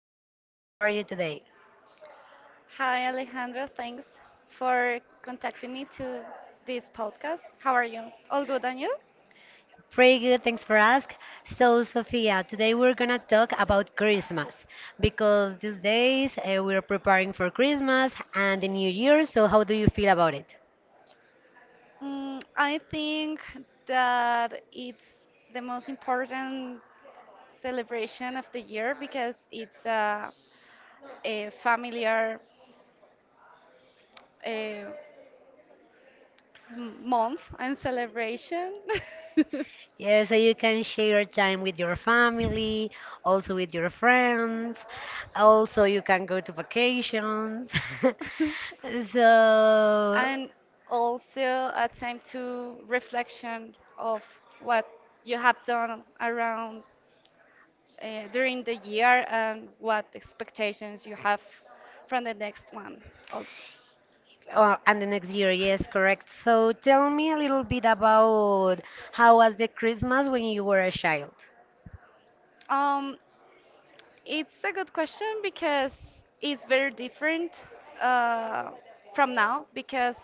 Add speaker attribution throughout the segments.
Speaker 1: podcast. How are you today?
Speaker 2: Hi, Alejandro. Thanks for contacting me to this podcast. How are you? All good, and you?
Speaker 1: Pretty good. Thanks for asking. So, Sophia, today we're going to talk about Christmas because these days we're preparing for Christmas and the New Year. So, how do you feel about it?
Speaker 2: I think that it's the most important celebration of the year because it's a familiar uh, m- month and celebration.
Speaker 1: Yeah, so you can share time with your family, also with your friends. Also, you can go to vacations. So,
Speaker 2: And also a time to reflection of what you have done around during the year and what expectations you have from the next one also?
Speaker 1: Or, and the next year, yes, correct. So tell me a little bit about how was the Christmas when you were a child?
Speaker 2: Um, it's a good question because it's very different uh, from now because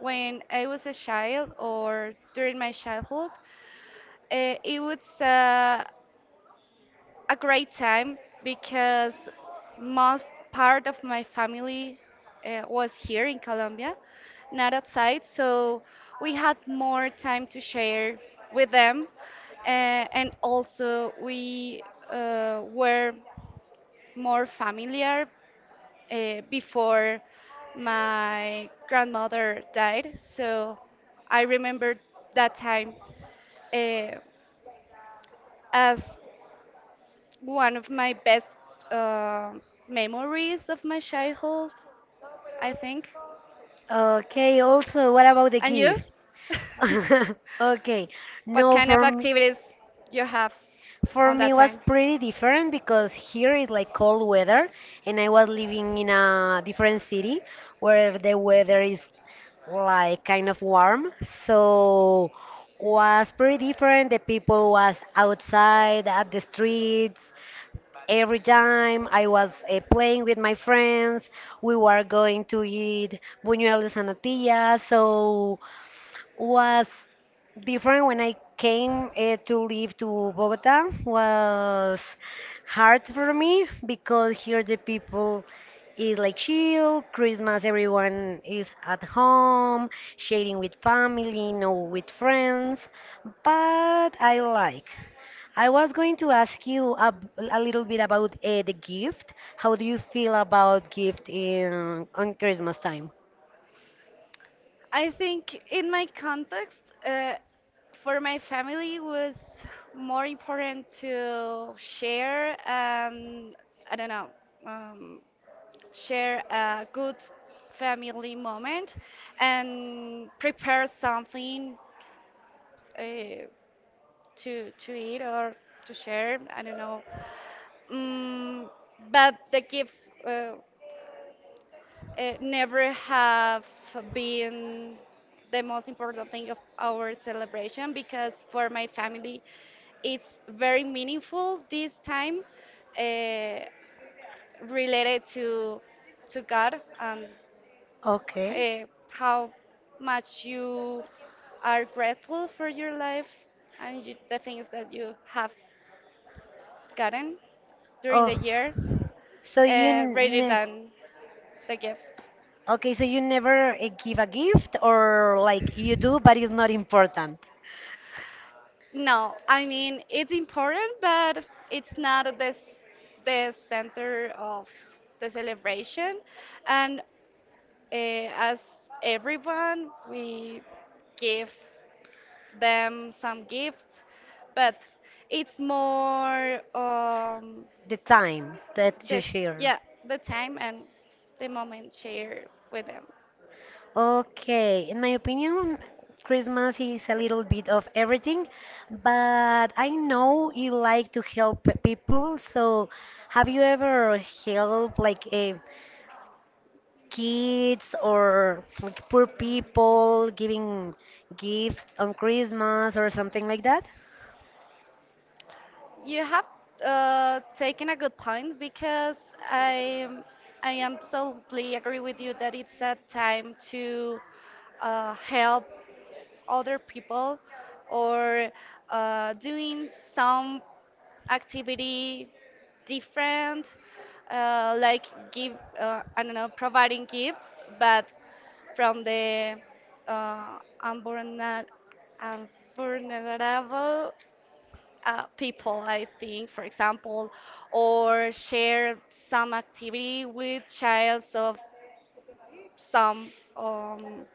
Speaker 2: when I was a child or during my childhood, it was a great time because most part of my family was here in Colombia, not outside, so we had more time to share with them, uh, and also we were more familiar before my grandmother died, so I remember that time uh, as one of my best uh, memories of my childhood, I think.
Speaker 1: Okay, also, what about the
Speaker 2: And you?
Speaker 1: gift? Okay,
Speaker 2: What
Speaker 1: no,
Speaker 2: kind of
Speaker 1: for me,
Speaker 2: activities you have
Speaker 1: for
Speaker 2: on that
Speaker 1: me was
Speaker 2: time?
Speaker 1: pretty different because here is like cold weather, and I was living in a different city where the weather is like kind of warm, so was pretty different. The people was outside at the streets. Every time I was playing with my friends, we were going to eat buñuelos and natilla. So was different when I came to live to Bogota. Was hard for me because here the people is like chill Christmas, everyone is at home sharing with family, no with friends. But I like I was going to ask you a little bit about the gift. How do you feel about gift in on Christmas time?
Speaker 2: I think in my context, uh, for my family, it was more important to share and I don't know, um, share a good family moment and prepare something uh, to eat or to share. I don't know. Mm, but the gifts never have been the most important thing of our celebration because for my family it's very meaningful this time uh, related to God and
Speaker 1: Okay.
Speaker 2: how much you are grateful for your life and you, the things that you have gotten during the
Speaker 1: Oh,
Speaker 2: year
Speaker 1: so you
Speaker 2: rather
Speaker 1: ne
Speaker 2: than the gifts.
Speaker 1: okay, so you never give a gift or like you do, but it's not important.
Speaker 2: No, I mean it's important, but it's not this the center of the celebration. And uh, as everyone, we give them some gifts, but it's more
Speaker 1: The time that you
Speaker 2: the
Speaker 1: share.
Speaker 2: yeah, the time and the moment shared with them.
Speaker 1: Okay, in my opinion, Christmas is a little bit of everything, but I know you like to help people. So, have you ever helped like kids or like poor people giving gifts on Christmas or something like that?
Speaker 2: You have taken a good point because I I absolutely agree with you that it's a time to help other people or doing some activity different, like give I don't know providing gifts, but from the uh, unvulnerable, vulnerable people, I think, for example, or share some activity with children of some um,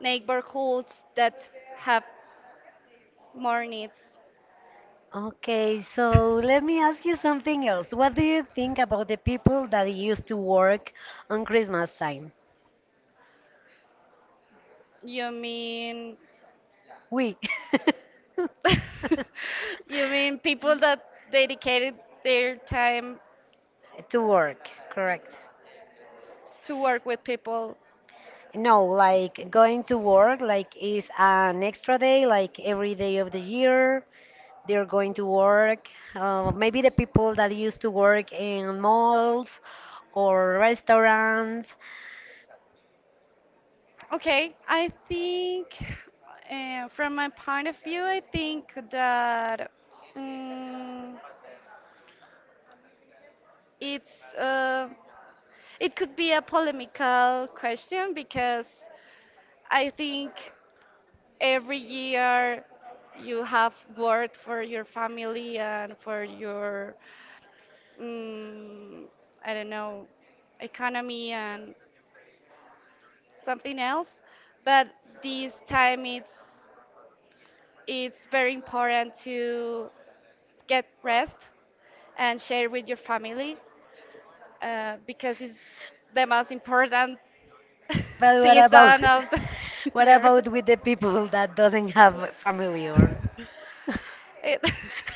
Speaker 2: neighborhoods that have more needs.
Speaker 1: Okay, so let me ask you something else. What do you think about the people that used to work on Christmas time?
Speaker 2: You mean
Speaker 1: We.
Speaker 2: you mean people that dedicated their time
Speaker 1: To work, correct.
Speaker 2: to work with people?
Speaker 1: No, like going to work, like is an extra day, like every day of the year. They're going to work. Maybe the people that used to work in malls or restaurants.
Speaker 2: Okay, I think from my point of view, I think that mm, it's uh, it could be a polemical question because I think every year you have worked for your family and for your, mm, I don't know, economy and something else. But this time it's very important to get rest and share with your family because it's the most important
Speaker 1: But what about
Speaker 2: season of the
Speaker 1: what
Speaker 2: year.
Speaker 1: about with the people that doesn't have family or
Speaker 2: It,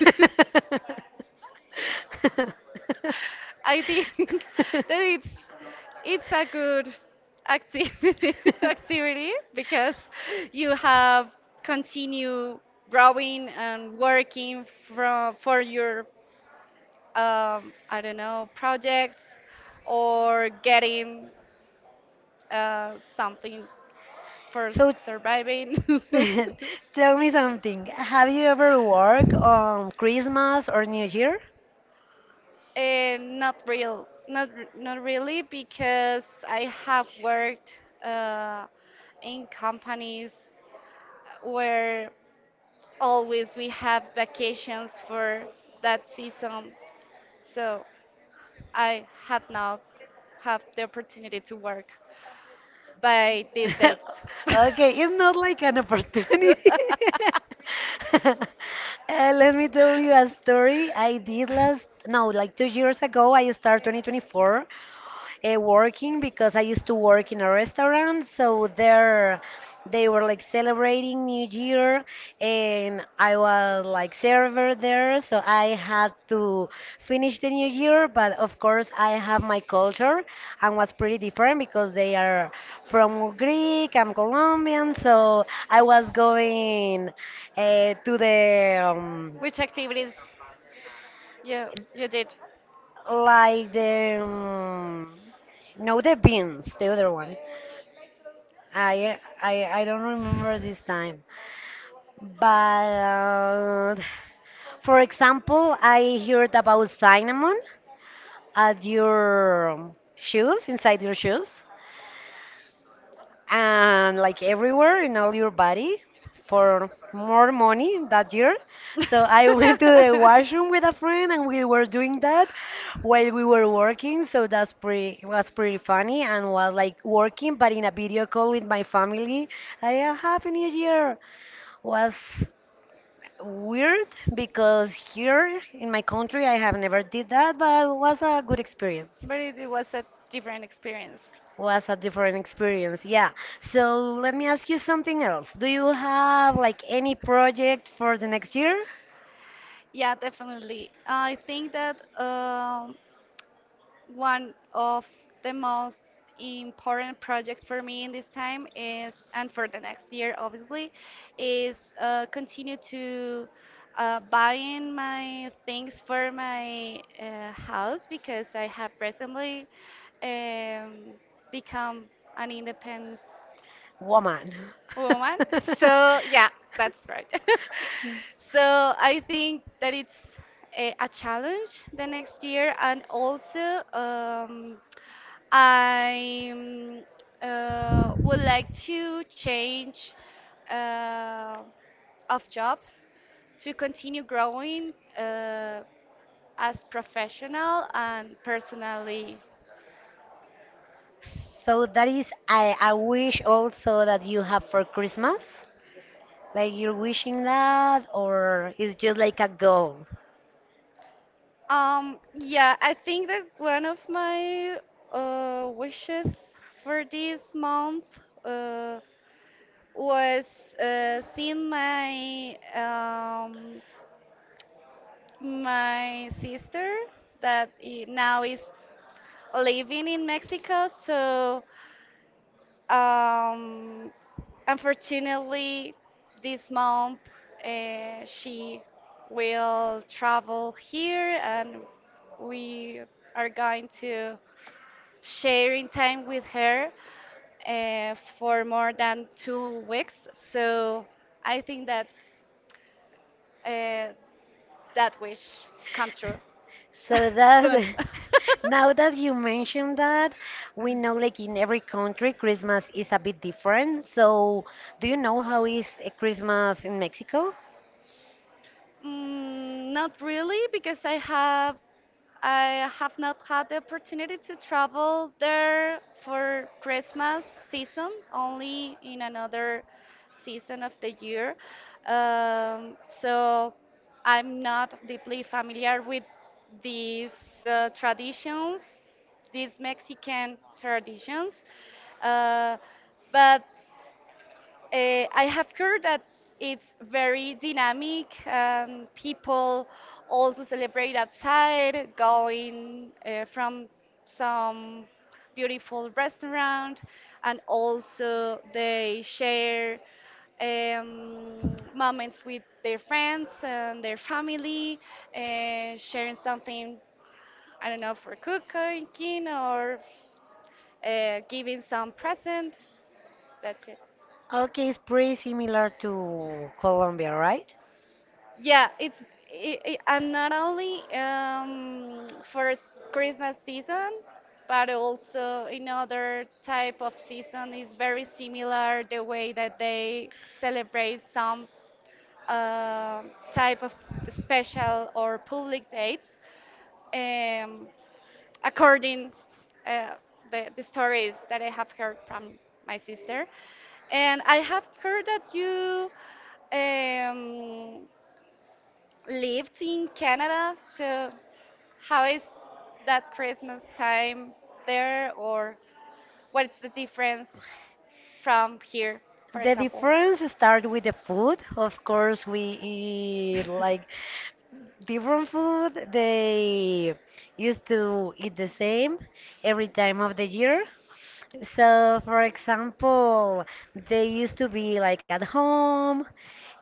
Speaker 2: I think that it's a good activity activity because you have continue growing and working from for your I don't know projects or getting something for
Speaker 1: so
Speaker 2: surviving.
Speaker 1: tell me something. Have you ever worked on Christmas or New Year?
Speaker 2: Not real, not r- not really, because I have worked in companies where always we have vacations for that season, so I had not have the opportunity to work by these dates.
Speaker 1: Okay, it's not like an opportunity. Let me tell you a story I did last, no, like 2 years ago. I started 2024 working because I used to work in a restaurant. So there, they were like celebrating New Year, and I was like server there. So I had to finish the New Year, but of course I have my culture, and was pretty different because they are from Greek. I'm Colombian, so I was going to the
Speaker 2: Which activities you you did?
Speaker 1: like the no the beans, the other one. I don't remember this time, but for example, I heard about cinnamon at your shoes, inside your shoes, and like everywhere in all your body for more money that year. So I went to the washroom with a friend and we were doing that while we were working. So that's pretty was pretty funny, and was like working but in a video call with my family. I have happy new year. Was weird because here in my country I have never did that, but it was a good experience.
Speaker 2: But it was a different experience.
Speaker 1: Was a different experience, yeah. So let me ask you something else. Do you have like any project for the next year?
Speaker 2: Yeah, definitely. I think that one of the most important project for me in this time is, and for the next year, obviously, is continue to buying my things for my house because I have recently um, become an independent
Speaker 1: Woman.
Speaker 2: woman. So yeah, that's right. So I think that it's a challenge the next year, and also I would like to change uh, of job to continue growing as professional and personally.
Speaker 1: So that is I wish also that you have for Christmas. Like you're wishing that or it's just like a goal?
Speaker 2: Yeah, I think that one of my wishes for this month uh, was seeing my my sister that now is living in Mexico. So, um, unfortunately, this month she will travel here, and we are going to sharing time with her for more than 2 weeks. So I think that uh, that wish come true
Speaker 1: So
Speaker 2: soon.
Speaker 1: that now that you mentioned that, we know like in every country Christmas is a bit different. So do you know how is a Christmas in Mexico?
Speaker 2: Not really, because I have not had the opportunity to travel there for Christmas season, only in another season of the year. So I'm not deeply familiar with these traditions, these Mexican traditions. Uh, but I have heard that it's very dynamic. People also celebrate outside, going from some beautiful restaurant, and also they share moments with their friends and their family, sharing something, I don't know, for cooking or giving some present. That's it.
Speaker 1: Okay, it's pretty similar to Colombia, right?
Speaker 2: Yeah, it's I and not only for Christmas season, but also in other type of season is very similar the way that they celebrate some uh, type of special or public dates, um, according uh, the stories that I have heard from my sister. And I have heard that you um, lived in Canada, so how is that Christmas time there, or what's the difference from here, for
Speaker 1: The
Speaker 2: example?
Speaker 1: difference start with the food. Of course, we eat like different food. They used to eat the same every time of the year. So, for example, they used to be like at home,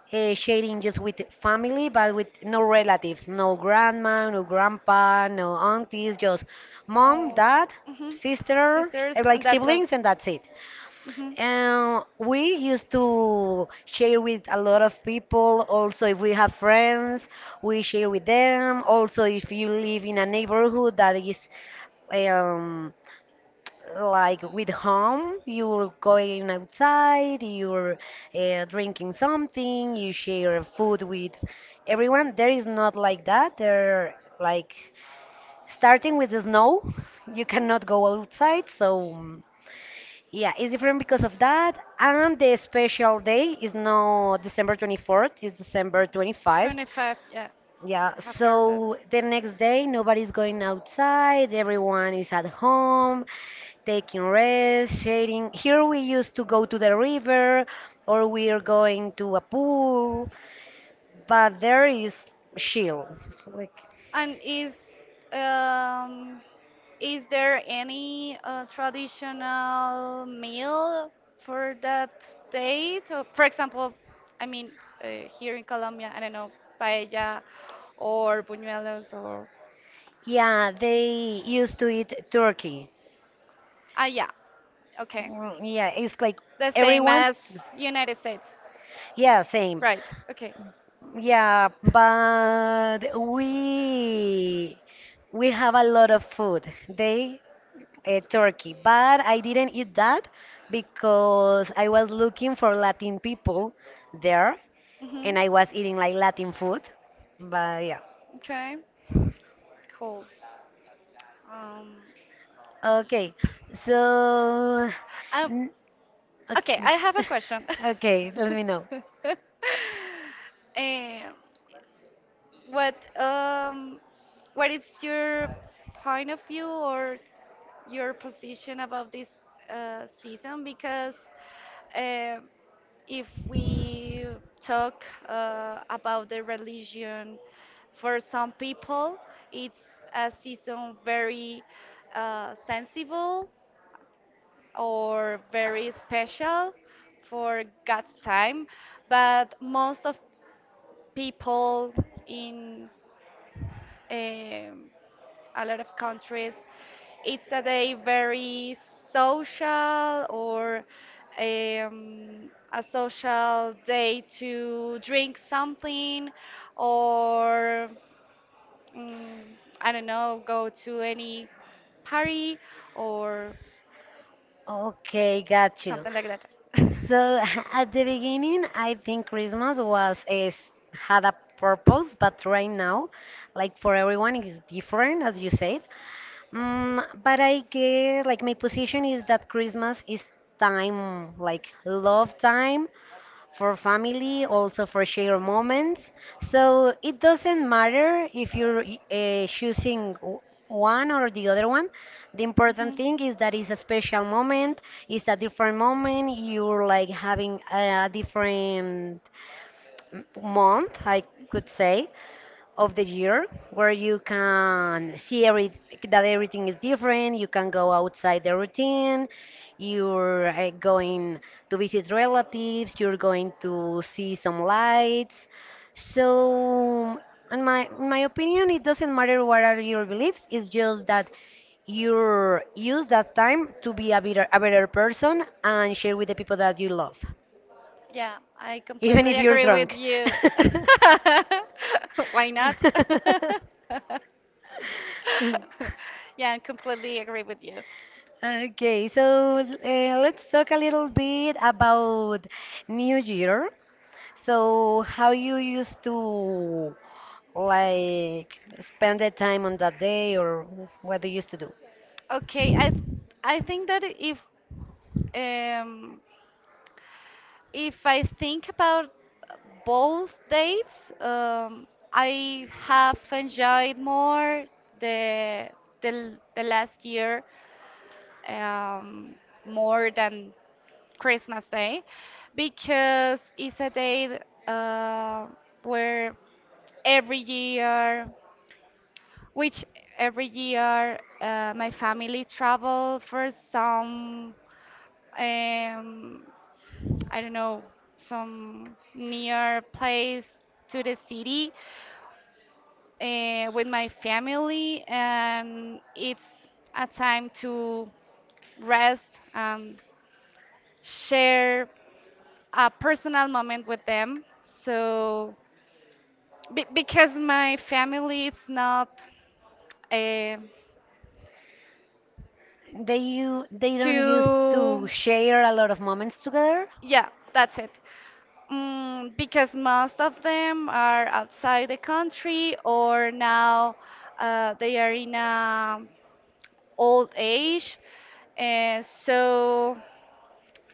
Speaker 1: sharing just with family, but with no relatives, no grandma, no grandpa, no aunties, just mom,
Speaker 2: Oh.
Speaker 1: dad,
Speaker 2: Hmm.
Speaker 1: sisters,
Speaker 2: Sisters, and
Speaker 1: like
Speaker 2: that's a
Speaker 1: siblings, and that's it.
Speaker 2: hmm.
Speaker 1: And we used to share with a lot of people. Also, if we have friends, we share with them. Also, if you live in a neighborhood that is um, like with home, you're going outside, you're drinking something, you share food with everyone. There is not like that. There, like, starting with the snow, you cannot go outside. So, mm, yeah, it's different because of that. And the special day is not December 24th, it's December 25th.
Speaker 2: 25, yeah.
Speaker 1: Yeah,
Speaker 2: I have heard that.
Speaker 1: so the next day nobody's going outside, everyone is at home, taking rest, shading. Here we used to go to the river or we are going to a pool, but there is chill. It's like,
Speaker 2: And um, is there any traditional meal for that date? Or, for example, I mean, here in Colombia, I don't know, paella or buñuelos or.
Speaker 1: yeah, they used to eat turkey.
Speaker 2: Ah, yeah, okay.
Speaker 1: Mm, yeah, it's like
Speaker 2: The same
Speaker 1: everyone,
Speaker 2: as United States.
Speaker 1: yeah, same.
Speaker 2: Right, okay.
Speaker 1: Yeah, but we have a lot of food. They Turkey, but I didn't eat that because I was looking for Latin people there,
Speaker 2: Hmm.
Speaker 1: and I was eating like Latin food. But yeah.
Speaker 2: Okay, cool. Um,
Speaker 1: Okay. So
Speaker 2: um,
Speaker 1: n-
Speaker 2: okay,
Speaker 1: okay.
Speaker 2: I have a question.
Speaker 1: Okay, let me know.
Speaker 2: Um, What um what is your point of view or your position about this season? Because uh, if we talk about the religion, for some people, it's a season very sensible or very special for God's time, but most of people in um a lot of countries, it's a day very social or a social day to drink something or mm, I don't know, go to any party or
Speaker 1: Okay, got you.
Speaker 2: something like that.
Speaker 1: So at the beginning, I think Christmas was is had a purpose, but right now, like for everyone, it's different, as you said. But I guess like my position is that Christmas is time, like love time for family, also for shared moments. So it doesn't matter if you're choosing one or the other one. The important
Speaker 2: Hmm.
Speaker 1: thing is that it's a special moment, it's a different moment. You're like having a different month, I could say, of the year where you can see every that everything is different. You can go outside the routine. You're going to visit relatives. You're going to see some lights. So, in my opinion, it doesn't matter what are your beliefs. It's just that you use that time to be a better person and share with the people that you love,
Speaker 2: Yeah, I
Speaker 1: even if
Speaker 2: completely
Speaker 1: you're
Speaker 2: agree with
Speaker 1: drunk.
Speaker 2: you. Why not? Yeah, I completely agree with you.
Speaker 1: Okay, so let's talk a little bit about New Year. So, how you used to like spend the time on that day, or what do you used to do?
Speaker 2: Okay, I think that um If I think about both dates, I have enjoyed more the the, the last year um, more than Christmas Day because it's a day uh, where every year, which every year my family travel for some um, I don't know, some near place to the city with my family, and it's a time to rest and share a personal moment with them. So, be because my family, it's not uh,
Speaker 1: They don't used
Speaker 2: too,
Speaker 1: to share a lot of moments together.
Speaker 2: yeah, that's it. Because most of them are outside the country or now they are in a old age, so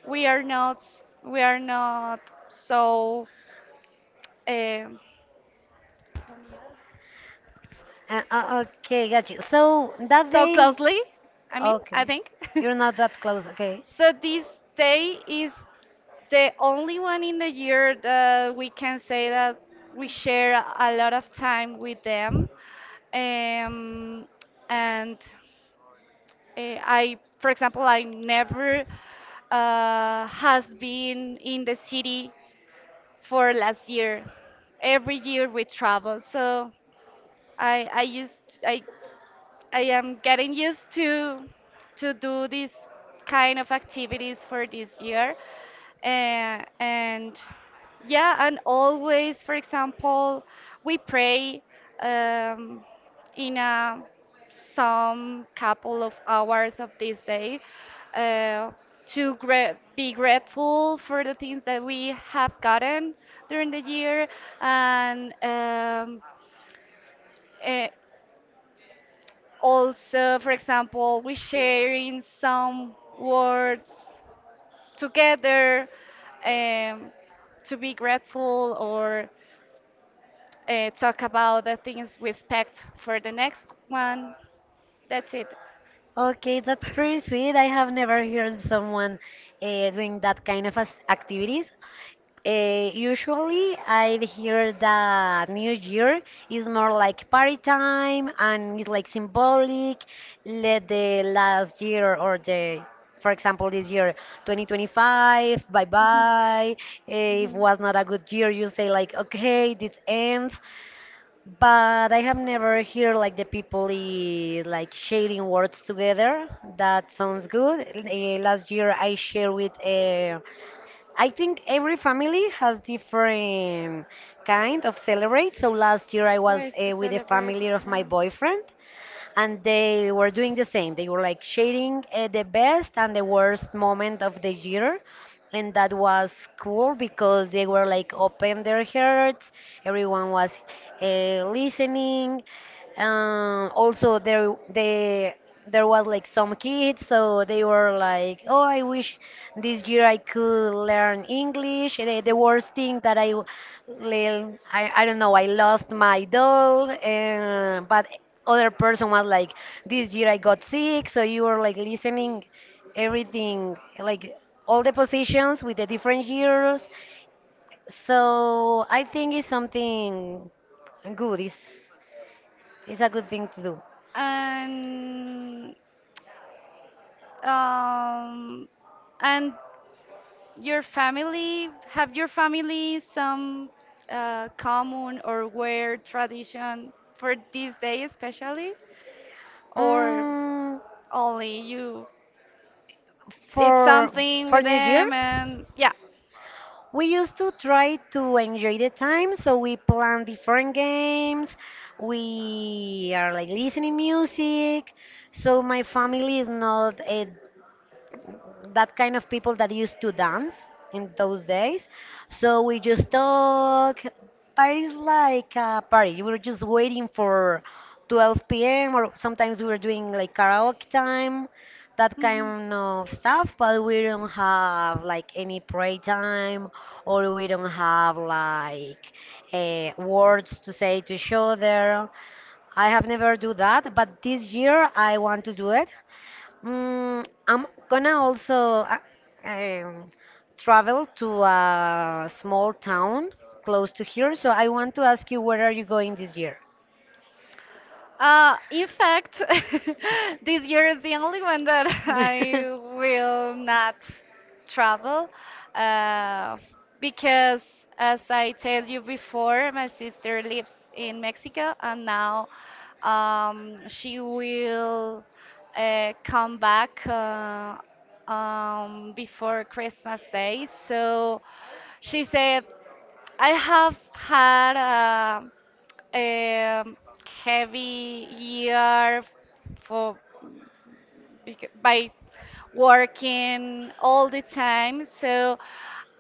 Speaker 2: we are not we are not so uh,
Speaker 1: Okay, got you. So that
Speaker 2: so
Speaker 1: day,
Speaker 2: closely. I mean, I
Speaker 1: okay,
Speaker 2: think.
Speaker 1: you're not that close. Okay,
Speaker 2: So this day is the only one in the year that we can say that we share a lot of time with them. Um, and I, for example, I never has been in the city for last year. Every year we travel, so I I used I I am getting used to do these kind of activities for this year. And yeah, and always, for example, we pray um, in some couple of hours of this day uh, to be grateful for the things that we have gotten during the year and eh, also, for example, we sharing some words together um, to be grateful or talk about the things we expect for the next one. That's it.
Speaker 1: okay, that's pretty sweet. I have never heard someone doing that kind of as activities. Usually, I have heard that New Year is more like party time and it's like symbolic. Let the last year or the, for example, this year, 2025, bye
Speaker 2: Mhm,
Speaker 1: bye. If
Speaker 2: mhm.
Speaker 1: was not a good year, you say like, okay, this ends, but I have never heard like the people is like sharing words together. That sounds good. Last year I share with. I think every family has different kind of celebrate. So last year I was
Speaker 2: Ways to
Speaker 1: with the
Speaker 2: celebrate,
Speaker 1: family of my
Speaker 2: yeah.
Speaker 1: boyfriend, and they were doing the same. They were like sharing the best and the worst moment of the year. And that was cool because they were like open their hearts. Everyone was listening. Also, there was like some kids, so they were like oh I wish this year I could learn English, the worst thing that I don't know I lost my doll and but other person was like this year I got sick, so you were like listening everything, like all the positions with the different years, so I think it's something good, it's a good thing to do.
Speaker 2: And um, and your family, have your family some common or weird tradition for this day especially, or
Speaker 1: Mm,
Speaker 2: only you? It's
Speaker 1: for
Speaker 2: something
Speaker 1: for
Speaker 2: with
Speaker 1: New Year,
Speaker 2: them and yeah.
Speaker 1: we used to try to enjoy the time, so we plan different games. We are like listening music, so my family is not that kind of people that used to dance in those days. So we just talk. Parties like a party. We were just waiting for 12 p.m. or sometimes we were doing like karaoke time, that
Speaker 2: Mhm.
Speaker 1: kind of stuff. But we don't have like any pray time, or we don't have like words to say to each other. I have never do that, but this year I want to do it. I'm gonna also um, travel to a small town close to here, so I want to ask you where are you going this year?
Speaker 2: In fact, this year is the only one that I will not travel uh, because, as I tell you before, my sister lives in Mexico and now she will come back before Christmas Day. So she said I have had a, um heavy year for by working all the time. So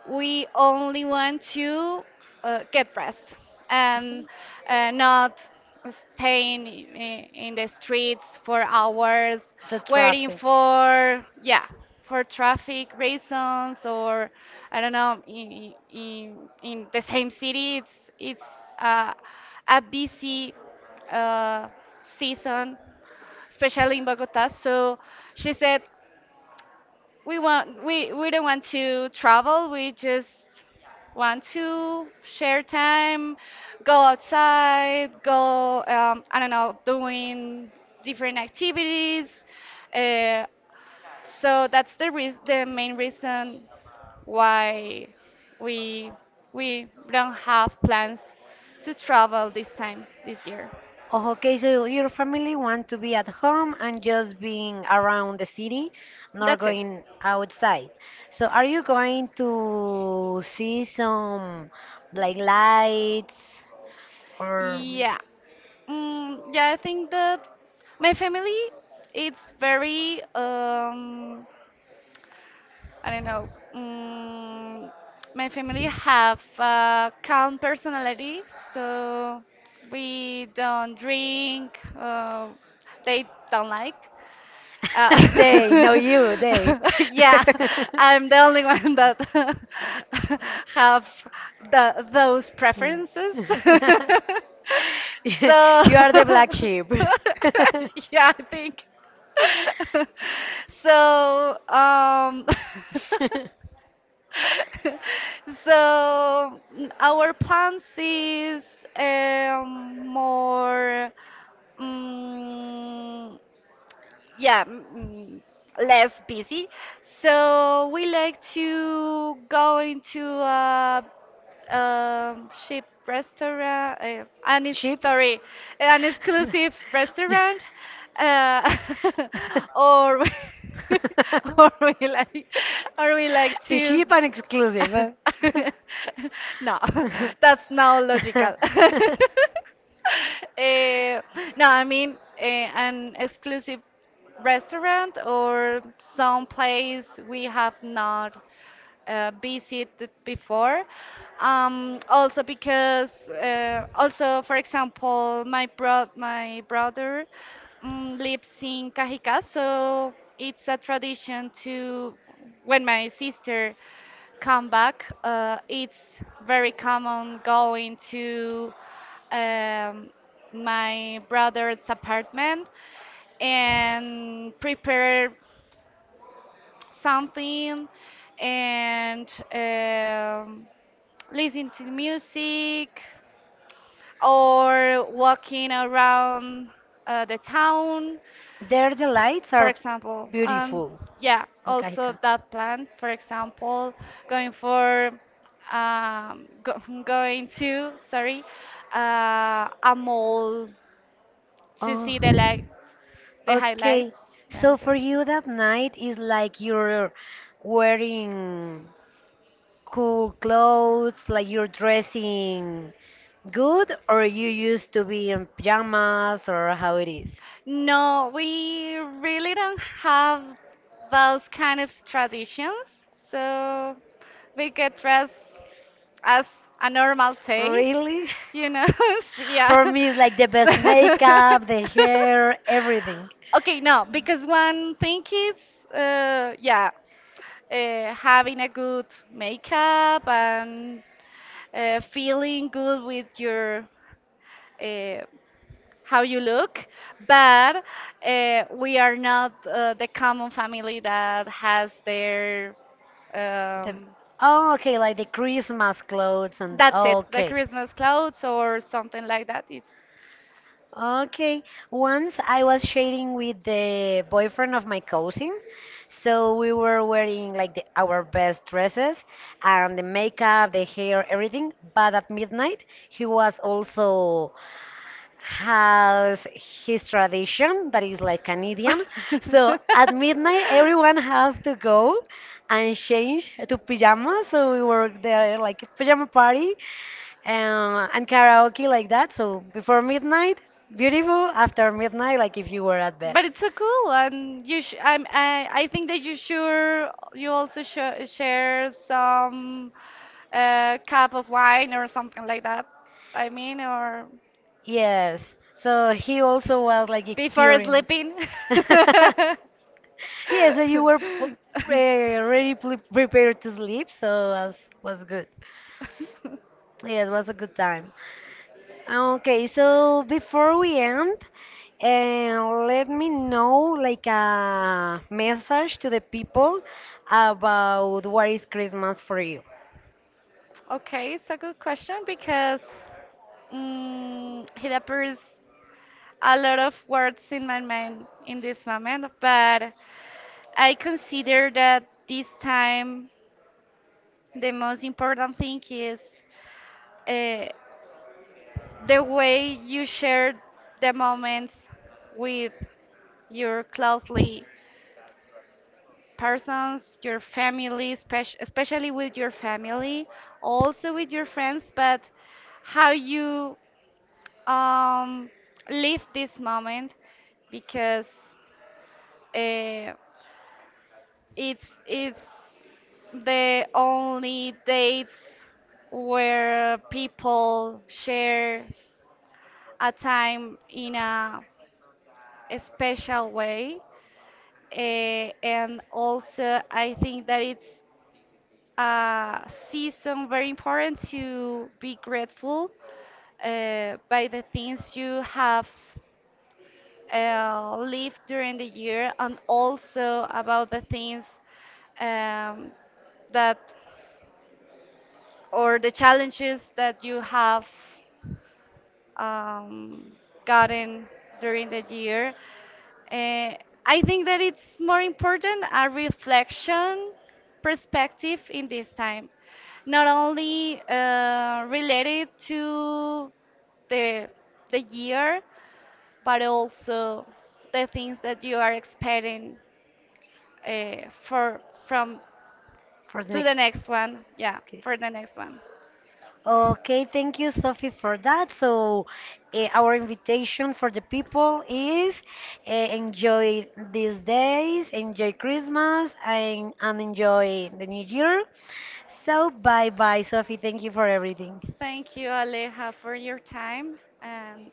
Speaker 2: we only want to get rest and not staying in the streets for hours
Speaker 1: The
Speaker 2: waiting
Speaker 1: traffic.
Speaker 2: for yeah for traffic reasons or I don't know in, in the same city it's a busy uh, season especially in Bogota. So she said, "We want we don't want to travel. We just want to share time, go outside, go I don't know, doing different activities." Uh, so that's the main reason why we we don't have plans to travel this time this year.
Speaker 1: Oh, okay, so your family want to be at home and just being around the city, not
Speaker 2: That's it.
Speaker 1: going outside. So are you going to see some like lights or
Speaker 2: Yeah. Yeah, I think that my family it's very I don't know. My family have a calm personality, so we don't drink. They don't like. Uh,
Speaker 1: they, no you, they.
Speaker 2: yeah, I'm the only one that have the those preferences.
Speaker 1: Yeah,
Speaker 2: So,
Speaker 1: you are the black sheep.
Speaker 2: yeah, I think. So, so our plans is more. Mm, yeah, less busy. So we like to go into a, um cheap restaurant,
Speaker 1: Chips?
Speaker 2: sorry, an exclusive restaurant, uh, or or we like or we like
Speaker 1: Is
Speaker 2: to.
Speaker 1: she an exclusive? Huh?
Speaker 2: No, that's not logical. Eh, no, I mean an exclusive restaurant or some place we have not visited before. Also because also for example my brother lives in Cajicá, so it's a tradition to when my sister come back. It's very common going to um, my brother's apartment and prepare something and listen to music or walking around the town
Speaker 1: There the lights
Speaker 2: for
Speaker 1: are
Speaker 2: example.
Speaker 1: beautiful.
Speaker 2: Yeah, also
Speaker 1: Mukaika.
Speaker 2: that plan, for example, going for going to, sorry, a mall to
Speaker 1: Oh,
Speaker 2: see the lights, the
Speaker 1: okay.
Speaker 2: highlights,
Speaker 1: So
Speaker 2: and
Speaker 1: for
Speaker 2: this.
Speaker 1: you that night is like you're wearing cool clothes? Like you're dressing good, or you used to be in pajamas, or how it is?
Speaker 2: No, we really don't have those kind of traditions. So we get dressed as a normal taste,
Speaker 1: Really?
Speaker 2: you know? So, yeah.
Speaker 1: For me, it's like the best
Speaker 2: So-
Speaker 1: makeup, the hair, everything.
Speaker 2: okay, no, because one thing is, yeah, having a good makeup and feeling good with your uh, how you look, but we are not the common family that has their
Speaker 1: The,
Speaker 2: um,
Speaker 1: oh, okay, like the Christmas clothes and
Speaker 2: that's
Speaker 1: oh,
Speaker 2: it, the
Speaker 1: okay.
Speaker 2: Christmas clothes or something like that. It's
Speaker 1: Okay. Once I was sharing with the boyfriend of my cousin. So we were wearing like our best dresses and the makeup, the hair, everything. But at midnight, he was also has his tradition that is like an idiom. So at midnight, everyone has to go and change to pajamas. So we were there like pajama party and karaoke like that. So before midnight, beautiful. After midnight, like if you were at bed.
Speaker 2: But it's so cool, and I think that you sure you also sh share some cup of wine or something like that. I mean, or
Speaker 1: Yes. So he also was like
Speaker 2: before
Speaker 1: experienced.
Speaker 2: sleeping.
Speaker 1: Yeah, so you were already prepared to sleep, so was good. Yeah, it was a good time. Okay, so before we end, let me know like a message to the people about what is Christmas for you
Speaker 2: Okay, it's a good question because it appears a lot of words in my mind in this moment, but I consider that this time the most important thing is uh, the way you share the moments with your closely persons, your family, especially with your family, also with your friends, but how you um, live this moment because uh, it's the only dates where people share a time in a special way. And also, I think that it's a season very important to be grateful by the things you have live during the year and also about the things um, that or the challenges that you have um, gotten during the year. Uh, I think that it's more important a reflection perspective in this time, not only related to the the year, but also the things that you are expecting for from
Speaker 1: for the
Speaker 2: to the
Speaker 1: next.
Speaker 2: next one. Yeah,
Speaker 1: Okay.
Speaker 2: for the next one.
Speaker 1: Okay, thank you, Sophie, for that. So, our invitation for the people is enjoy these days, enjoy Christmas, and enjoy the new year. So, bye bye, Sophie. Thank you for everything.
Speaker 2: Thank you, Aleja, for your time. And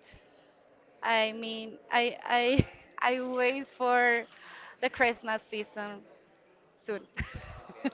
Speaker 2: I mean, I I wait for the Christmas season soon.